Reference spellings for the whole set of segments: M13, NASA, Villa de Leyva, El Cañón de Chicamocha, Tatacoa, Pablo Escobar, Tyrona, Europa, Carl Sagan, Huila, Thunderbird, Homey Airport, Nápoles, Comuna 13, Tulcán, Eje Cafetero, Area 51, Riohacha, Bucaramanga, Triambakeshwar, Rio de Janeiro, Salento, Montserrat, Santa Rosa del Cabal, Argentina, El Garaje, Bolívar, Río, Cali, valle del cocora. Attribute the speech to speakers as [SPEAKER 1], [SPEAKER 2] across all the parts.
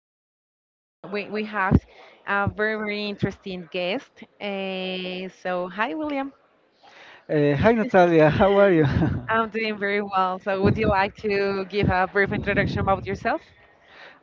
[SPEAKER 1] we're going. We have a very interesting guest. So, hi William.
[SPEAKER 2] Hi Natalia, how are you? I'm
[SPEAKER 1] I'm doing very well. So, would you like to give a brief introduction about yourself?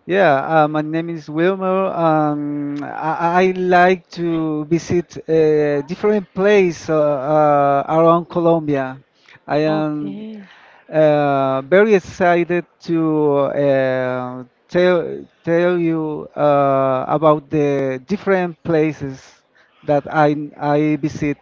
[SPEAKER 2] Yeah, my name is Wilmer. I like to visit different place around Colombia. I am
[SPEAKER 1] Okay.
[SPEAKER 2] very excited to tell you about the different places that I visit.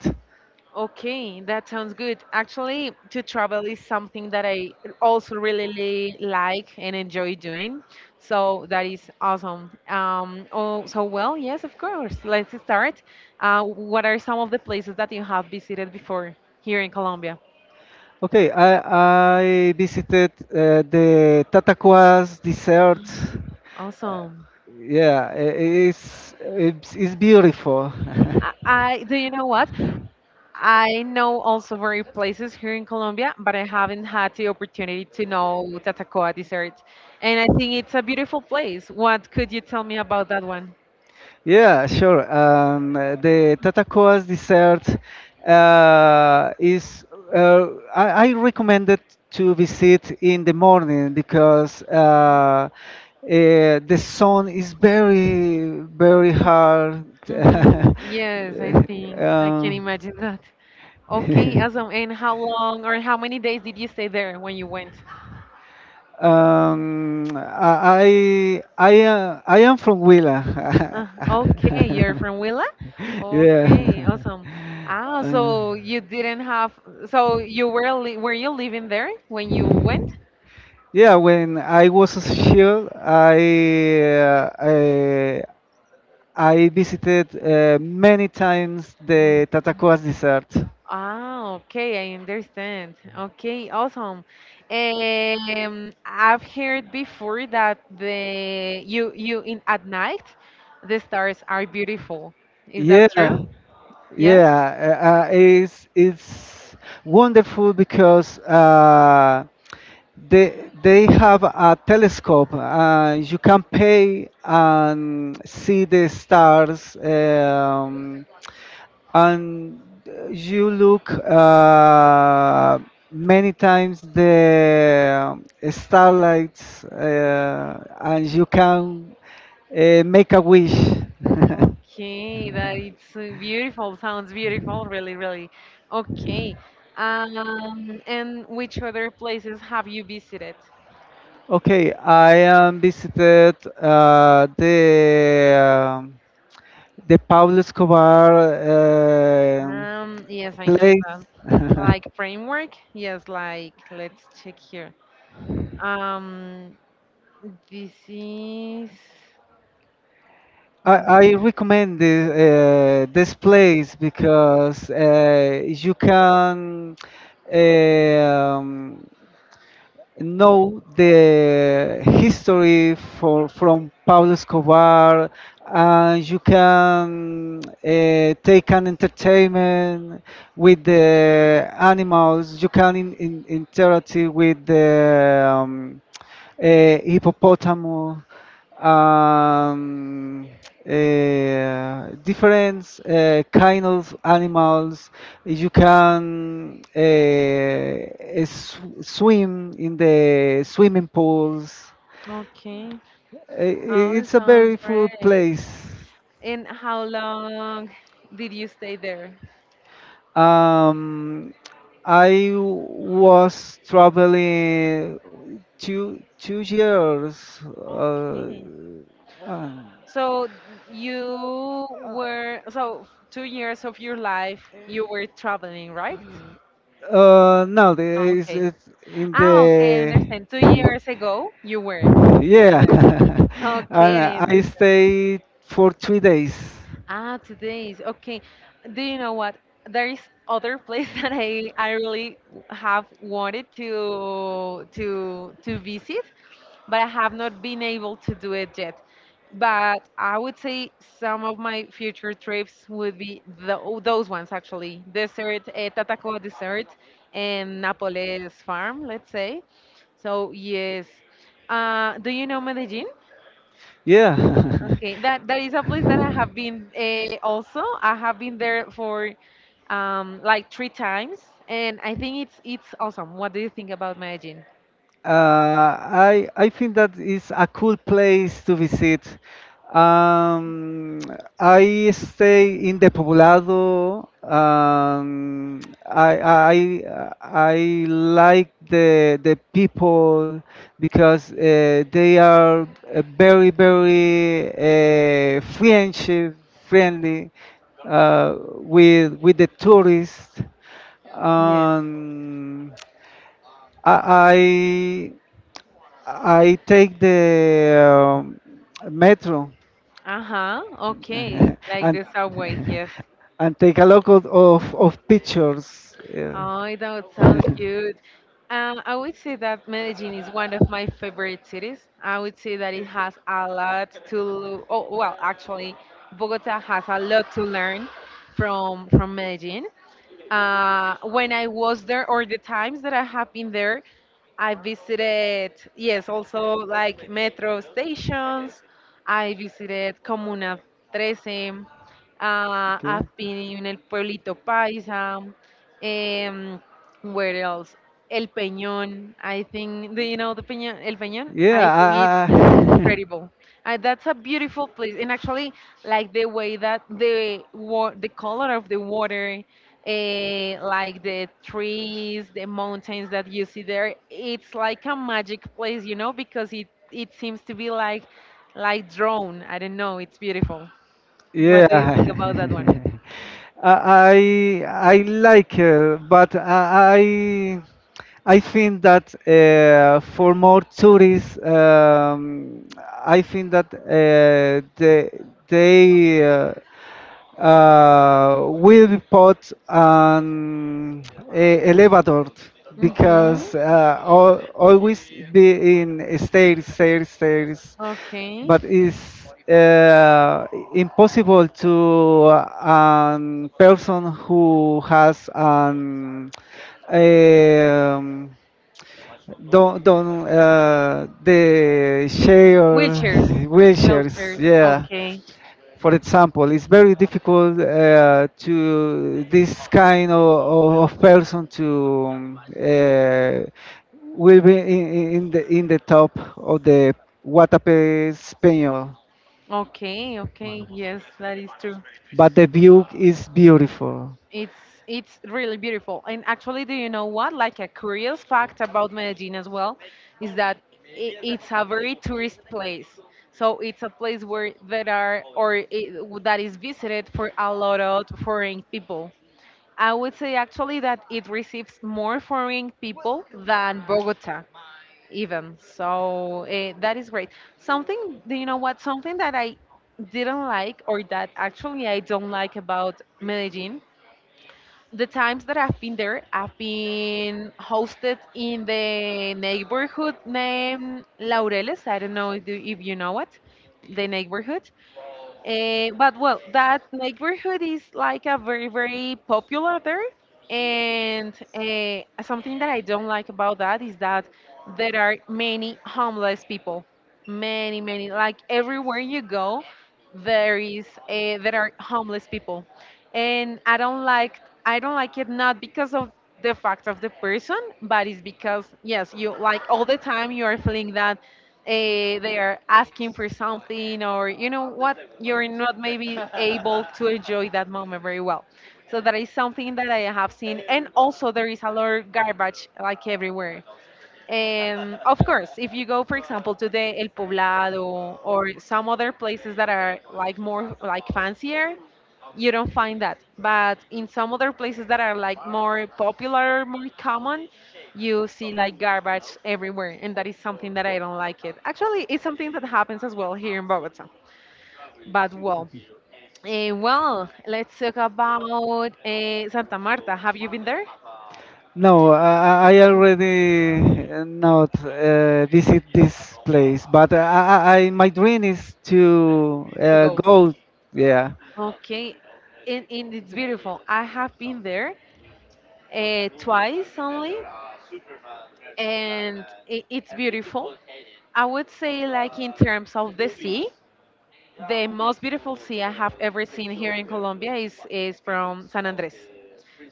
[SPEAKER 1] Okay, that sounds good. Actually, to travel is something that I also really like and enjoy doing. So that is awesome. Well, yes, of course. Let's start. What are some of the places that you have visited before here in Colombia?
[SPEAKER 2] Okay, I visited the Tatacoas desert.
[SPEAKER 1] Awesome.
[SPEAKER 2] Yeah, it's beautiful.
[SPEAKER 1] I Do you know what? I know also very places here in Colombia, but I haven't had the opportunity to know Tatacoa dessert. And I think it's a beautiful place. What could you tell me about that one?
[SPEAKER 2] Yeah, sure. The Tatacoas desert is. uh, I recommend it to visit in the morning because
[SPEAKER 1] Okay.
[SPEAKER 2] the sun is very hard.
[SPEAKER 1] Mm-hmm. Yes, I think I
[SPEAKER 2] Uh,
[SPEAKER 1] can imagine that. Okay,
[SPEAKER 2] Um,
[SPEAKER 1] awesome. And how long or how many days did you stay there when you went?
[SPEAKER 2] I am from Huila.
[SPEAKER 1] Okay, you're from Willa?
[SPEAKER 2] Yeah.
[SPEAKER 1] Okay, awesome. Ah,
[SPEAKER 2] Uh,
[SPEAKER 1] so you didn't have, so you were li were you living there when you went?
[SPEAKER 2] yeah, when I was here, uh, I, I visited many times the Tatacoas desert.
[SPEAKER 1] Ah, okay, I understand. Okay, awesome. I've heard before that the you in at night the stars are beautiful. Is that
[SPEAKER 2] Yeah,
[SPEAKER 1] true? Yes?
[SPEAKER 2] yeah, it's wonderful because they have a telescope. You can pay and see the stars, and you look many times the starlights, and you can make a wish.
[SPEAKER 1] Okay, that it's beautiful. Sounds beautiful, really, really. Okay. And which other places have you visited?
[SPEAKER 2] Okay, I visited the Pablo Escobar um
[SPEAKER 1] Yes, I know
[SPEAKER 2] place.
[SPEAKER 1] that. Like framework? Yes, like let's check here. Um, This is
[SPEAKER 2] I,
[SPEAKER 1] mm,
[SPEAKER 2] I recommend this place because you can um, know the history from Pablo Escobar and you can take an entertainment with the animals. You can interact with the hippopotamus, um, different kind of animals. You can swim in the swimming pools.
[SPEAKER 1] okay. Oh, it
[SPEAKER 2] It's a
[SPEAKER 1] sounds
[SPEAKER 2] very full
[SPEAKER 1] great.
[SPEAKER 2] place.
[SPEAKER 1] And how long did you stay there?
[SPEAKER 2] Um, I was traveling two years. Uh,
[SPEAKER 1] Okay. So you
[SPEAKER 2] uh,
[SPEAKER 1] were so 2 years of your life you were traveling, right?
[SPEAKER 2] No, it's,
[SPEAKER 1] Okay.
[SPEAKER 2] it's in
[SPEAKER 1] Ah, okay, I
[SPEAKER 2] the.
[SPEAKER 1] understand. 2 years ago you were
[SPEAKER 2] Yeah.
[SPEAKER 1] there. Okay,
[SPEAKER 2] And
[SPEAKER 1] I
[SPEAKER 2] I
[SPEAKER 1] understand.
[SPEAKER 2] stayed for 3 days.
[SPEAKER 1] Ah, today is okay. Do you know what? There is other place that I really have wanted to to visit, but I have not been able to do it yet. But I would say some of my future trips would be the, those ones actually. Desert, Tatacoa Desert, and Napoles Farm, let's say. So yes. Do you know Medellin?
[SPEAKER 2] Yeah.
[SPEAKER 1] Okay, that is a place that I have been also. I have been there for like three times, and I think it's awesome. What do you think about Medellin?
[SPEAKER 2] Uh, I think that is a cool place to visit. Um, I stay in the Poblado. I I I like the people because they are very friendship friendly with the tourists.
[SPEAKER 1] Yes.
[SPEAKER 2] Um, I, I take the metro.
[SPEAKER 1] Uh huh. Okay, like
[SPEAKER 2] and
[SPEAKER 1] the subway. Yes.
[SPEAKER 2] and take a lot of pictures. Yeah.
[SPEAKER 1] Oh, that sounds good. I would say that Medellin is one of my favorite cities. I would say that it has a lot to. Oh, well, actually, Bogota has a lot to learn from Medellin. When I was there, or the times that I have been there, I visited, yes, also like metro stations. I visited Comuna 13.
[SPEAKER 2] Okay.
[SPEAKER 1] I've been in El Pueblito Paisa. Um, where else? El Peñón. I think, do you know the Peñón? El Peñón?
[SPEAKER 2] Yeah.
[SPEAKER 1] I think
[SPEAKER 2] I, I,
[SPEAKER 1] incredible. That's a beautiful place, and actually, like the way that the the color of the water, like the trees, the mountains that you see there, it's like a magic place, you know, because it seems to be like drawn. I don't know. It's beautiful. What do you think
[SPEAKER 2] yeah.
[SPEAKER 1] about that one?
[SPEAKER 2] I I I like, but I think that for more tourists, I think that they will put an elevator
[SPEAKER 1] Mm-hmm.
[SPEAKER 2] because al always be in stairs, stairs, stairs,
[SPEAKER 1] Okay.
[SPEAKER 2] but it's impossible to a person who has an eh, um, don't the share
[SPEAKER 1] Wheelchairs.
[SPEAKER 2] wheelchairs,
[SPEAKER 1] Wheelchairs.
[SPEAKER 2] yeah,
[SPEAKER 1] Okay.
[SPEAKER 2] for example, it's very difficult to this kind of person to will be in the top of the Guatape Español,
[SPEAKER 1] Okay. Okay. Yes, that is true.
[SPEAKER 2] but the view is beautiful.
[SPEAKER 1] It's it's really beautiful. And actually, do you know what? Like a curious fact about Medellin as well is that I it's a very tourist place. So it's a place where there are or it, that is visited for a lot of foreign people. I would say actually that it receives more foreign people than Bogota even. So that is great. Something, do you know what? Something that I didn't like or that actually I don't like about Medellin the times that I've been there, I've been hosted in the neighborhood named Laureles. I don't know if you know it, the neighborhood. But well, that neighborhood is like a very, very popular there. And something that I don't like about that is that there are many homeless people. Many, many. Like everywhere you go, there is there are homeless people, and I don't like it not because of the fact of the person, but it's because yes, you like all the time you are feeling that they are asking for something or you know what you're not maybe able to enjoy that moment very well, so that is something that I have seen. And also there is a lot of garbage like everywhere, and of course if you go for example to the El Poblado or some other places that are like more like fancier, you don't find that. But in some other places that are like more popular, more common, you see like garbage everywhere, and that is something that I don't like it. Actually, it's something that happens as well here in Bogota. But well, let's talk about Santa Marta. Have you been there?
[SPEAKER 2] No, I already not visit this place, but my dream is to
[SPEAKER 1] To go.
[SPEAKER 2] go. Yeah.
[SPEAKER 1] Okay, and it's beautiful. I have been there, twice only, and I it's beautiful. I would say, like in terms of the sea, the most beautiful sea I have ever seen here in Colombia is from San Andres.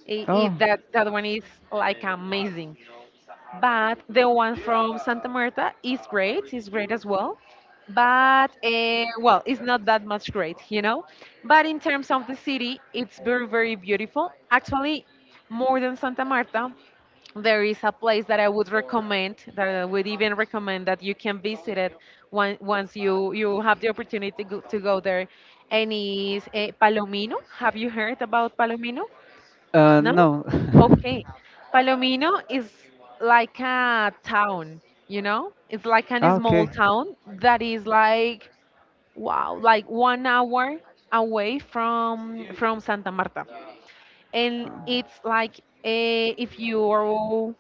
[SPEAKER 2] Oh,
[SPEAKER 1] That that one is like amazing. But the one from Santa Marta is great as well. But well, it's not that much great, you know. But in terms of the city, it's very, very beautiful. Actually, more than Santa Marta, there is a place that I would recommend, that I would even recommend that you can visit it once you have the opportunity go, to go there, and is Palomino. Have you heard about Palomino? No?
[SPEAKER 2] no.
[SPEAKER 1] Okay. Palomino is like a town, you know? It's like a
[SPEAKER 2] Ah,
[SPEAKER 1] small
[SPEAKER 2] okay.
[SPEAKER 1] town that is like wow, like 1 hour away from Santa Marta, and it's like if you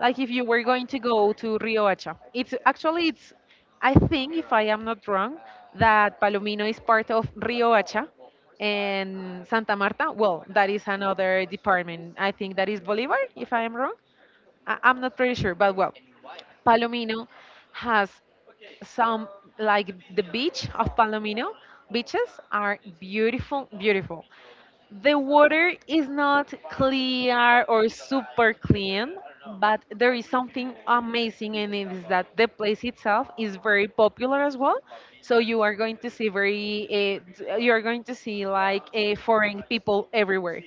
[SPEAKER 1] like if you were going to go to Riohacha, it's actually it's I think if I am not wrong that Palomino is part of Riohacha, and Santa Marta. Well, that is another department. I think that is Bolivar if I am wrong. I'm not pretty sure, but well, Palomino has some like the beach of Palomino beaches are beautiful, beautiful. The water is not clear or super clean, but there is something amazing in it is that the place itself is very popular as well. So you are going to see very, you are going to see like foreign people everywhere.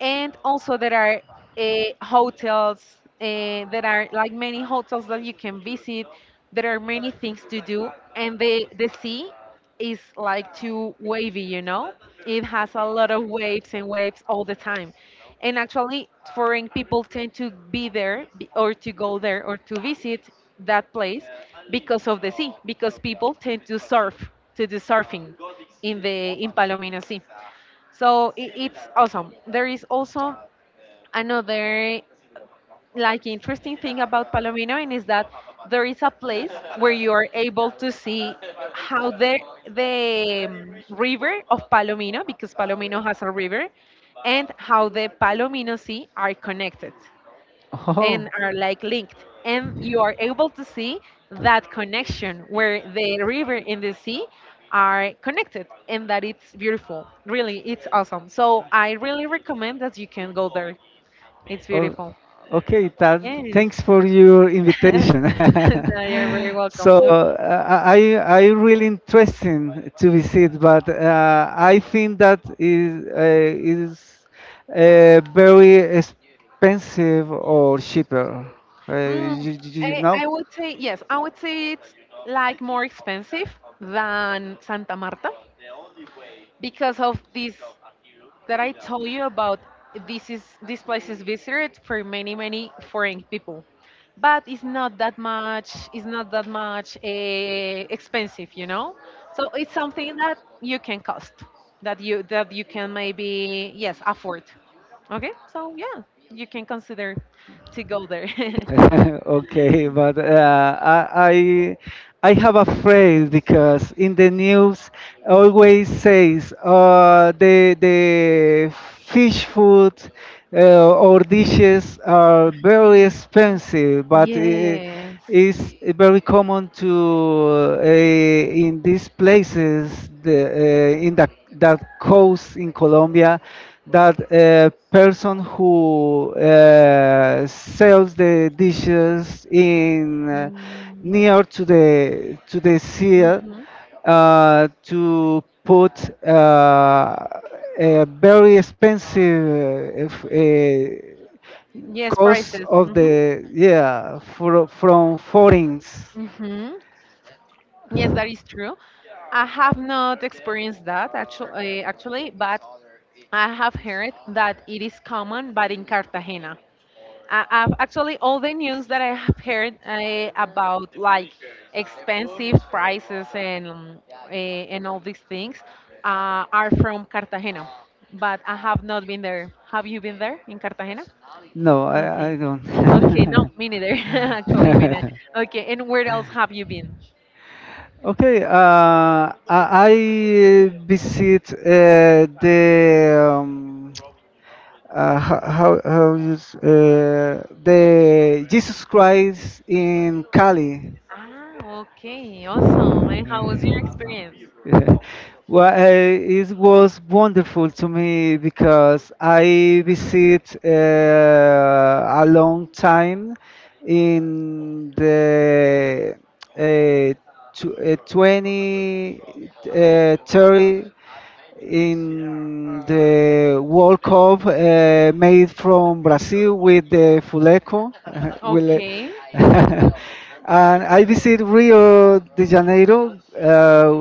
[SPEAKER 1] And also there are hotels, there are like many hotels that you can visit. There are many things to do, and the sea is like too wavy, you know, it has a lot of waves and waves all the time. And actually foreign people tend to be there or to go there or to visit that place because of the sea, because people tend to surf, to do surfing in the in Palomino Sea. So it's awesome. There is also another like interesting thing about Palomino, and is that there is a place where you are able to see how the river of Palomino, because Palomino has a river, and how the Palomino Sea are connected
[SPEAKER 2] Oh.
[SPEAKER 1] and are like linked, and you are able to see that connection where the river and the sea are connected, and that it's beautiful, really, it's awesome. So I really recommend that you can go there. It's
[SPEAKER 2] Oh,
[SPEAKER 1] beautiful,
[SPEAKER 2] okay,
[SPEAKER 1] yes.
[SPEAKER 2] thanks for your invitation.
[SPEAKER 1] No, you're very
[SPEAKER 2] So
[SPEAKER 1] welcome.
[SPEAKER 2] I really interesting to visit, but I think that is very expensive or cheaper.
[SPEAKER 1] Mm,
[SPEAKER 2] You know?
[SPEAKER 1] I would say, yes, I would say it's like more expensive than Santa Marta because of this that I told you about. This place is visited for many many foreign people, but it's not that much. It's not that much expensive, you know. So it's something that you can cost, that you can maybe yes afford. Okay, so yeah, you can consider to go there.
[SPEAKER 2] Okay, but I have a phrase because in the news always says the fish food or dishes are very
[SPEAKER 1] Mm.
[SPEAKER 2] expensive, but it
[SPEAKER 1] Yes.
[SPEAKER 2] is very common to in these places in the that coast in Colombia that person who sells the dishes in
[SPEAKER 1] Mm,
[SPEAKER 2] near to the sea
[SPEAKER 1] mhm.
[SPEAKER 2] to put a very expensive
[SPEAKER 1] Yes,
[SPEAKER 2] cost
[SPEAKER 1] prices.
[SPEAKER 2] of
[SPEAKER 1] Hmm.
[SPEAKER 2] the yeah, from foreigners.
[SPEAKER 1] Hmm. Yes, that is true. I have not experienced that actually, actually, but I have heard that it is common, but in Cartagena. I Actually all the news that I have heard about like expensive prices and and all these things are from Cartagena, but I have not been there. Have you been there in Cartagena?
[SPEAKER 2] No, I,
[SPEAKER 1] Okay,
[SPEAKER 2] I
[SPEAKER 1] okay, no,
[SPEAKER 2] don't.
[SPEAKER 1] me neither. Actually, me neither. Okay, and where else have you been?
[SPEAKER 2] Okay, I visit the how you the Jesus Christ in Cali.
[SPEAKER 1] Ah, okay, awesome. And how was your experience?
[SPEAKER 2] Yeah. Well, it was wonderful to me because I visit a long time in the uh, 20, 30 in the World Cup made from Brazil with the Fuleco. Will-
[SPEAKER 1] Okay.
[SPEAKER 2] and I visit Rio de Janeiro,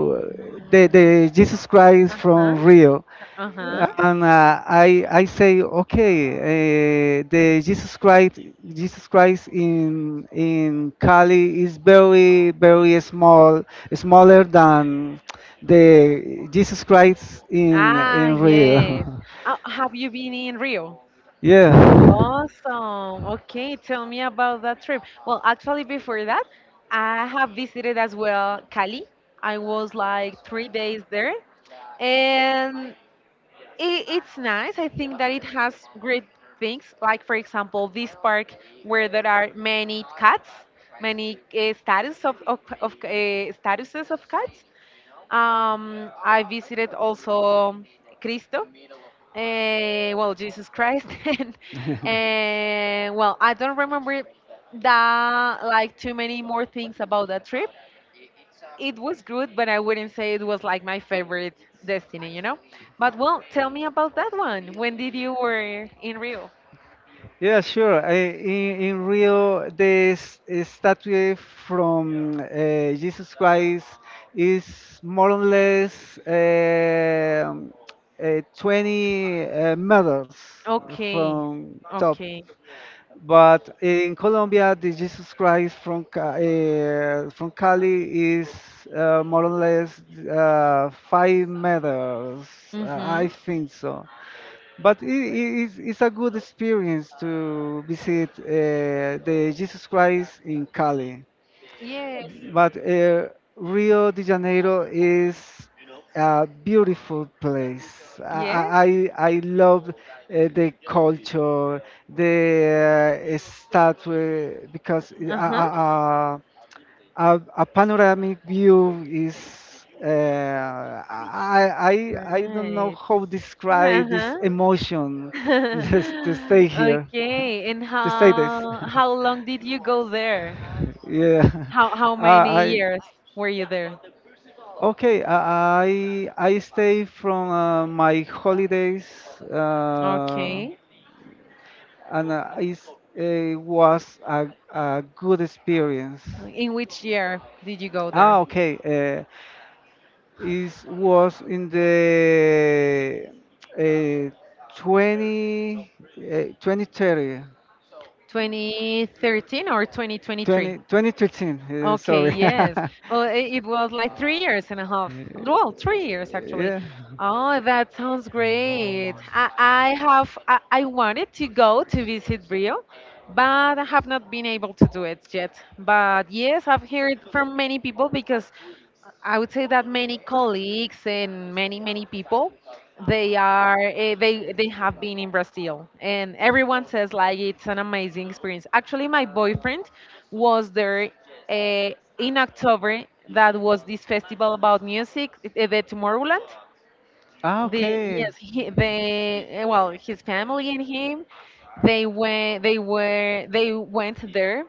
[SPEAKER 2] the Jesus Christ
[SPEAKER 1] Uh huh.
[SPEAKER 2] from Rio.
[SPEAKER 1] Uh huh.
[SPEAKER 2] And I say, okay, the Jesus Christ, in Cali is very, very small, smaller than the Jesus Christ in
[SPEAKER 1] Ah,
[SPEAKER 2] in
[SPEAKER 1] yes.
[SPEAKER 2] Rio.
[SPEAKER 1] Have you been in Rio? Awesome. Okay, tell me about that trip. Well, actually, before that, I have visited as well Cali. I was like 3 days there, and it's nice. I think that it has great things, like, for example, this park where there are many cats, many status of, of statuses of cats. I visited also Cristo. Well, Jesus Christ, and well, I don't remember that like too many more things about that trip. It was good, but I wouldn't say it was like my favorite
[SPEAKER 2] Yeah.
[SPEAKER 1] destiny. But well, tell me about that one. When did you were in Rio?
[SPEAKER 2] Yeah, sure. In Rio, this statue from Jesus Christ is more or less 20 meters
[SPEAKER 1] Okay,
[SPEAKER 2] from top.
[SPEAKER 1] okay.
[SPEAKER 2] But in Colombia, the Jesus Christ from Cali is more or less 5 meters. I
[SPEAKER 1] Mhm.
[SPEAKER 2] think so. But it's a good experience to visit the Jesus Christ in Cali.
[SPEAKER 1] Yes.
[SPEAKER 2] But Rio de Janeiro is a beautiful place.
[SPEAKER 1] Yes.
[SPEAKER 2] I love the culture, the statue, because
[SPEAKER 1] Uh huh.
[SPEAKER 2] uh, a panoramic view is uh, I don't know
[SPEAKER 1] Right.
[SPEAKER 2] how to
[SPEAKER 1] Uh
[SPEAKER 2] describe this
[SPEAKER 1] huh.
[SPEAKER 2] emotion just to stay here
[SPEAKER 1] Okay, and
[SPEAKER 2] to say this
[SPEAKER 1] how how long did you go there?
[SPEAKER 2] yeah.
[SPEAKER 1] How many
[SPEAKER 2] I
[SPEAKER 1] years were you there?
[SPEAKER 2] okay, I stay from my holidays uh,
[SPEAKER 1] Okay.
[SPEAKER 2] and it was a good experience.
[SPEAKER 1] In which year did you go there?
[SPEAKER 2] Ah, okay, uh, is was in the uh, 20 2030
[SPEAKER 1] 2013 or 2023?
[SPEAKER 2] 20, 2013,
[SPEAKER 1] Okay,
[SPEAKER 2] sorry.
[SPEAKER 1] yes. Oh, it was like 3 years and a half.
[SPEAKER 2] Uh,
[SPEAKER 1] Well, 3 years actually.
[SPEAKER 2] yeah.
[SPEAKER 1] Oh, that sounds great. I wanted to go to visit Rio, but I have not been able to do it yet. But yes, I've heard from many people because I would say that many colleagues and many people they are eh, they have been in Brazil, and everyone says like it's an amazing experience. Actually, my boyfriend was there uh, in October. That was this festival about music, the Tomorrowland. The
[SPEAKER 2] Okay,
[SPEAKER 1] Yes, well, his family and him, they went there,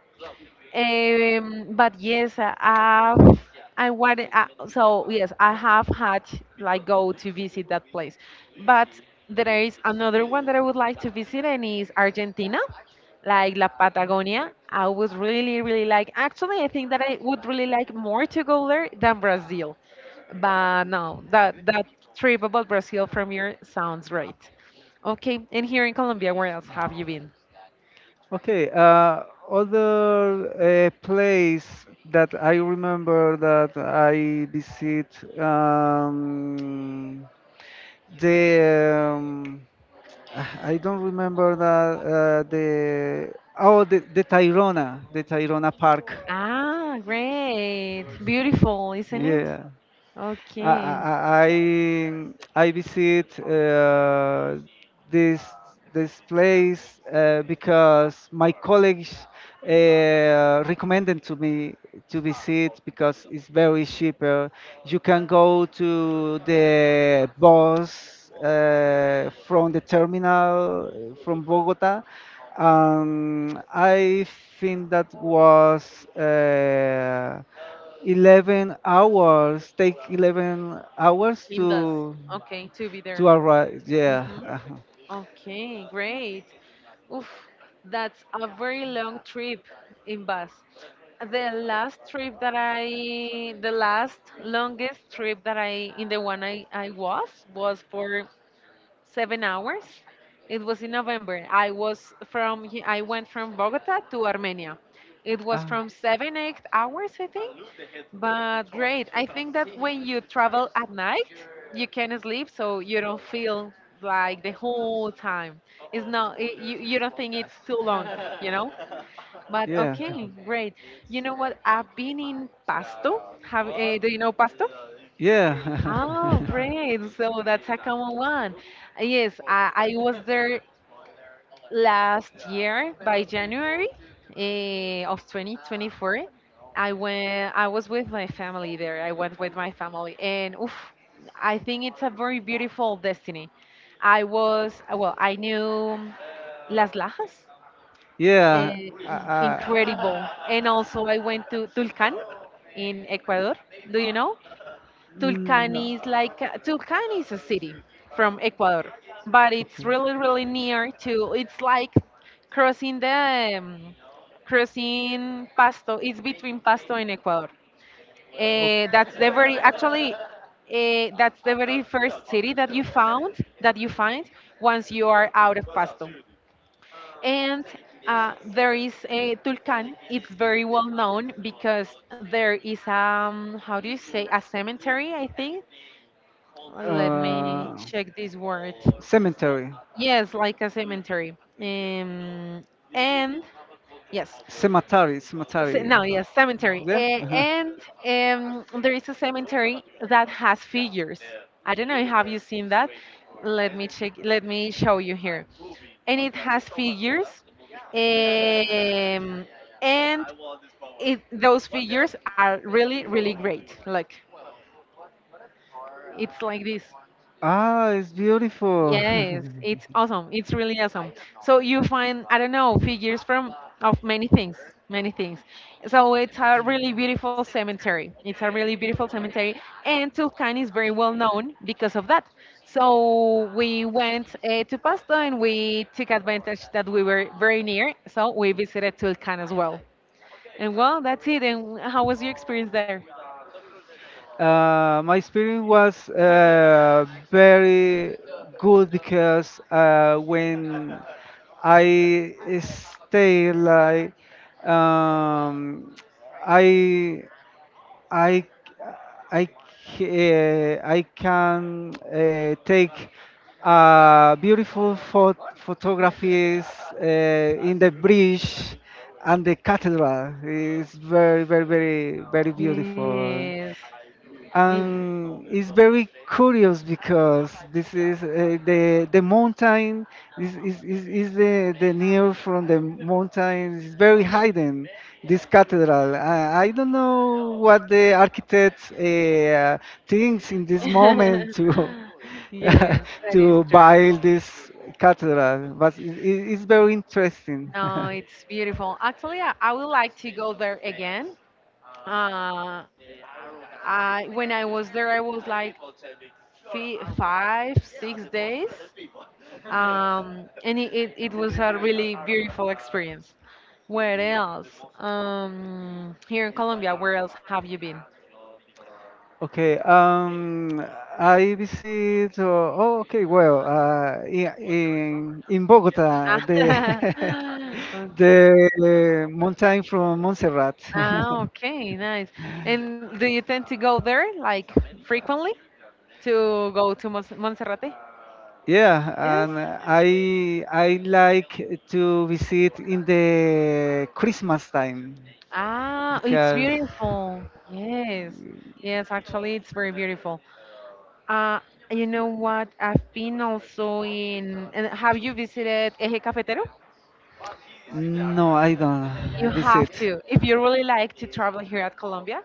[SPEAKER 1] but yes, I- I've I want so yes, I have had like go to visit that place, but there is another one that I would like to visit and is Argentina, like La Patagonia. I was really like actually I think that I would really like more to go there than Brazil, but no, that trip about Brazil from here sounds right. Okay, and here in Colombia, where else have you been?
[SPEAKER 2] okay, other place that I remember that I visit, um, the I don't remember that the, oh, the Tyrona, the Tyrona Park.
[SPEAKER 1] Ah, great. Beautiful, isn't it?
[SPEAKER 2] Yeah, I
[SPEAKER 1] Okay.
[SPEAKER 2] I I I visit this this place because my colleagues recommended to me to visit because it's very cheaper. You can go to the bus from the terminal from Bogota. I think that was. 11 hours, take 11 hours
[SPEAKER 1] In bus.
[SPEAKER 2] to
[SPEAKER 1] Okay, to be there.
[SPEAKER 2] to arrive, yeah.
[SPEAKER 1] Hmm. Okay, great. Oof, that's a very long trip in bus. The last longest trip that I, in the one I was for 7 hours. It was in November. I went from Bogota to Armenia. It was
[SPEAKER 2] Uh,
[SPEAKER 1] from seven, 8 hours, I think. But great. I think that when you travel at night, you can sleep so you don't feel like the whole time. It's not, it, you don't think it's too long, you know? But
[SPEAKER 2] yeah.
[SPEAKER 1] okay, great. You know what? I've been in Pasto. Do you know Pasto?
[SPEAKER 2] Yeah.
[SPEAKER 1] Oh, great. So that's a common one. Yes, I was there last year by January of 2024, I went. I was with my family there. I went with my family, and oof, I think it's a very beautiful destiny. I was well. I knew Las Lajas,
[SPEAKER 2] Yeah.
[SPEAKER 1] eh,
[SPEAKER 2] uh, uh,
[SPEAKER 1] incredible, and also I went to Tulcan in Ecuador. Do you know?
[SPEAKER 2] Mm, no.
[SPEAKER 1] Tulcán is a city from Ecuador, but it's
[SPEAKER 2] Okay,
[SPEAKER 1] really near to. It's like crossing the crossing Pasto. It's between Pasto and Ecuador. That's
[SPEAKER 2] okay.
[SPEAKER 1] the very actually. That's the very first city that you find once you are out of Pasto. And there is a Tulcan. It's very well known because there is how do you say a cemetery, I think, let me
[SPEAKER 2] Uh,
[SPEAKER 1] check this word.
[SPEAKER 2] Cemetery,
[SPEAKER 1] Yes, like a cemetery. And yes,
[SPEAKER 2] cemetery, cemetery.
[SPEAKER 1] no, yes, cemetery.
[SPEAKER 2] Yeah.
[SPEAKER 1] Eh,
[SPEAKER 2] Uh-huh.
[SPEAKER 1] and There is a cemetery that has figures. I don't know. Have you seen that? Let me check. Let me show you here. And it has figures. Um, and those figures are really, really great. Look, it's like this.
[SPEAKER 2] Ah, it's beautiful.
[SPEAKER 1] Yes, it's awesome. It's really awesome. So you find, I don't know, figures from of many things, many things. So it's a really beautiful cemetery. It's a really beautiful cemetery, and Tulcan is very well known because of that. So we went to Pasto and we took advantage that we were very near. So we visited Tulcan as well. And well, that's it. And how was your experience there?
[SPEAKER 2] My experience was very good because when I stay like um, I I I I can take beautiful photographies in the bridge and the cathedral. It's very very very very beautiful,
[SPEAKER 1] Yes. Y-
[SPEAKER 2] and it's very curious because this is the mountain is the near from the mountain is very hidden this cathedral. I don't know what the architect thinks in this moment to
[SPEAKER 1] Yes, that is
[SPEAKER 2] to
[SPEAKER 1] true.
[SPEAKER 2] build this cathedral, but it's very interesting.
[SPEAKER 1] No, it's beautiful. Actually, I would like to go there again. Uh, I When I was there, I was like five, 6 days, and it was a really beautiful experience. Where else? Here in Colombia, where else have you been?
[SPEAKER 2] Okay, I visit. Oh, okay, well, in Bogota, the
[SPEAKER 1] Ah, okay.
[SPEAKER 2] the mountain from Montserrat.
[SPEAKER 1] Ah, okay, nice. And do you tend to go there like frequently to go to Monserrate?
[SPEAKER 2] Yeah,
[SPEAKER 1] Yes.
[SPEAKER 2] and I like to visit in the Christmas time
[SPEAKER 1] Ah, it's
[SPEAKER 2] because
[SPEAKER 1] beautiful. Yes. Yes, actually, it's very beautiful. Uh, you know what? I've been also in. And have you visited Eje Cafetero?
[SPEAKER 2] no, I don't
[SPEAKER 1] You
[SPEAKER 2] visit.
[SPEAKER 1] have to. If you really like to travel here at Colombia,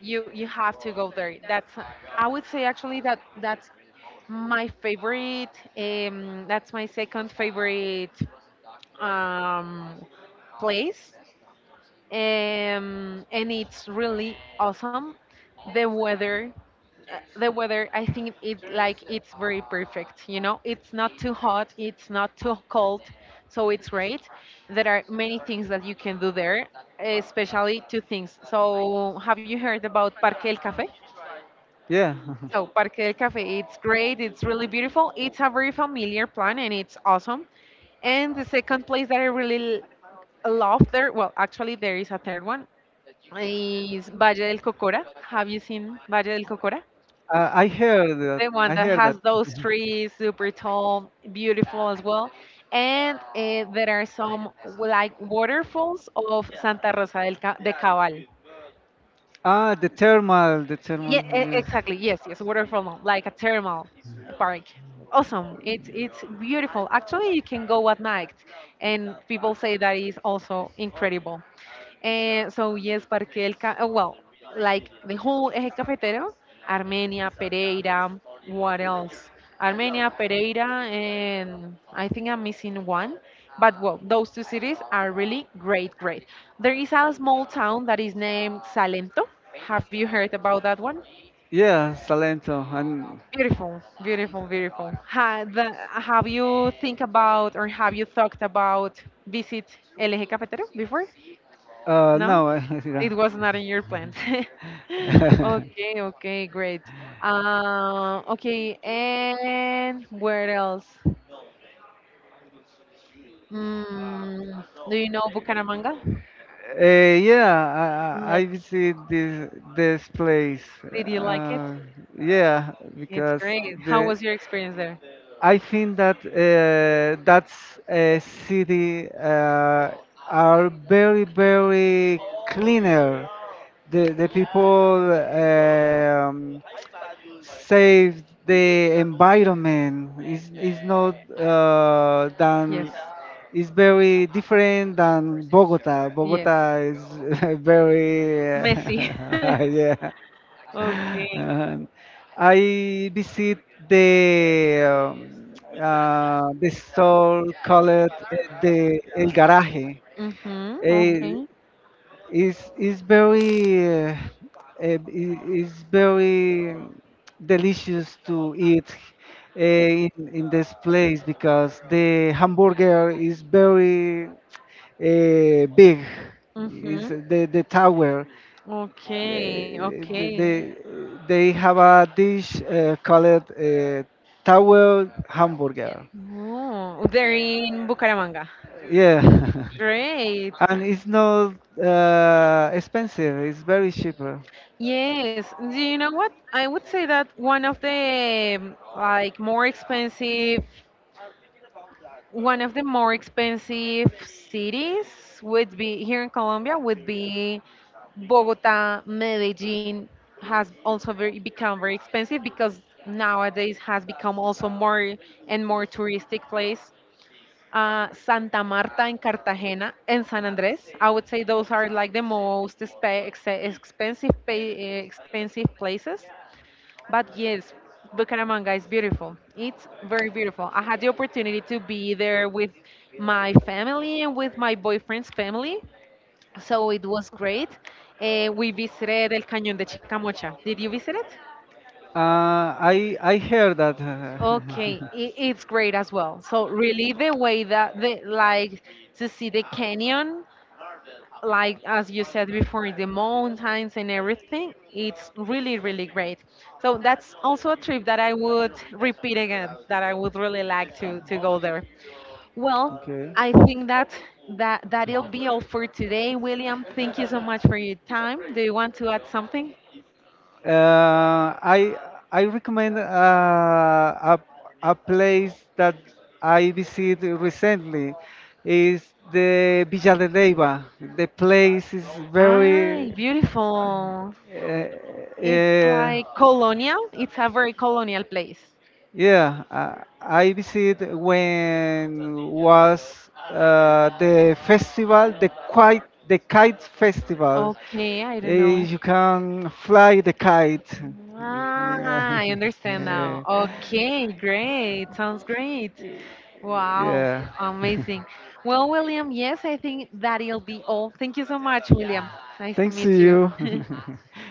[SPEAKER 1] you have to go there. That's I would say actually that that's my favorite. That's my second favorite um, place, and it's really awesome. The weather the weather, I think, it like it's very perfect. You know, it's not too hot, it's not too cold, so it's great. There are many things that you can do there, especially two things. So have you heard about Parque del Café?
[SPEAKER 2] Yeah.
[SPEAKER 1] So Parque del Café, it's great, it's really beautiful, it's a very familiar plan, and it's awesome. And the second place that I really love there, well, actually there is a third one, is Valle del Cocora. Have you seen Valle del Cocora,
[SPEAKER 2] I heard that.
[SPEAKER 1] the one
[SPEAKER 2] I
[SPEAKER 1] that
[SPEAKER 2] heard that.
[SPEAKER 1] has those trees, super tall, beautiful as well? And there are some like waterfalls of Santa Rosa del de Cabal.
[SPEAKER 2] Ah, the thermal, the
[SPEAKER 1] Yeah,
[SPEAKER 2] thermal. Yeah,
[SPEAKER 1] exactly. Yes, yes, waterfall, like a thermal park. Awesome. It's beautiful. Actually, you can go at night, and people say that is also incredible. And so yes, Parque del well, like the whole Eje Cafetero, Armenia, Pereira, what else? Armenia, Pereira, and I think I'm missing one. But well, those two cities are really great, great. There is a small town that is named Salento, have you heard about that one?
[SPEAKER 2] yeah, Salento. And
[SPEAKER 1] Beautiful, beautiful, beautiful. Ha, have you think about or have you thought about visit LG Cafetero before? No,
[SPEAKER 2] no. Yeah.
[SPEAKER 1] it was not in your plans. Okay, okay, great. Okay, and where else? Mm, do you know Bucaramanga?
[SPEAKER 2] Uh, yeah, I
[SPEAKER 1] Like,
[SPEAKER 2] visit this place.
[SPEAKER 1] did you like it?
[SPEAKER 2] Yeah,
[SPEAKER 1] It's
[SPEAKER 2] because
[SPEAKER 1] great. How
[SPEAKER 2] the
[SPEAKER 1] was your experience there?
[SPEAKER 2] I think that that's a city are very cleaner. The people save the environment. It's not
[SPEAKER 1] Yes.
[SPEAKER 2] than. It's very different than Bogota.
[SPEAKER 1] Yes.
[SPEAKER 2] Bogota is very
[SPEAKER 1] Messi.
[SPEAKER 2] yeah.
[SPEAKER 1] Okay.
[SPEAKER 2] And I visit the store called the El Garaje.
[SPEAKER 1] Mhm.
[SPEAKER 2] Eh,
[SPEAKER 1] Okay.
[SPEAKER 2] it's very is very delicious to eat in this place because the hamburger is very big. Is
[SPEAKER 1] Mhm.
[SPEAKER 2] the tower, uh,
[SPEAKER 1] Okay, okay.
[SPEAKER 2] the- they they have a dish called tower hamburger.
[SPEAKER 1] Oh, they're in Bucaramanga.
[SPEAKER 2] Yeah.
[SPEAKER 1] Great.
[SPEAKER 2] And it's not expensive, it's very cheaper.
[SPEAKER 1] Yes. Do you know what? I would say that one of the one of the more expensive cities would be here in Colombia would be Bogota. Medellin has also very become very expensive because nowadays has become also more and more touristic place. Santa Marta and Cartagena and San Andres. I would say those are like the most expensive places. But yes, Bucaramanga is beautiful. It's very beautiful. I had the opportunity to be there with my family and with my boyfriend's family. So it was great. We visited El Cañón de Chicamocha. Did you visit it?
[SPEAKER 2] I heard that.
[SPEAKER 1] Okay, it's great as well. So really, the way that the like to see the canyon, like as you said before, the mountains and everything, it's really great. So that's also a trip that I would repeat again. That I would really like to go there. Well,
[SPEAKER 2] Okay.
[SPEAKER 1] I think that that'll be all for today, William. Thank you so much for your time. Do you want to add something?
[SPEAKER 2] Uh, I I recommend a place that I visited recently is the Villa de Leyva. The place is very
[SPEAKER 1] Ah, beautiful.
[SPEAKER 2] uh,
[SPEAKER 1] It's
[SPEAKER 2] uh,
[SPEAKER 1] like colonial. It's a very colonial place.
[SPEAKER 2] yeah, I visit when was the festival, the kite festival.
[SPEAKER 1] Okay, I don't know.
[SPEAKER 2] You can fly the kite.
[SPEAKER 1] Ah,
[SPEAKER 2] Yeah.
[SPEAKER 1] I understand now.
[SPEAKER 2] Eh,
[SPEAKER 1] Okay, great. Sounds great. Wow,
[SPEAKER 2] yeah.
[SPEAKER 1] amazing. Well, William, yes, I think that'll be all. Thank you so much, William. Nice to
[SPEAKER 2] Thanks to
[SPEAKER 1] meet
[SPEAKER 2] you.
[SPEAKER 1] you.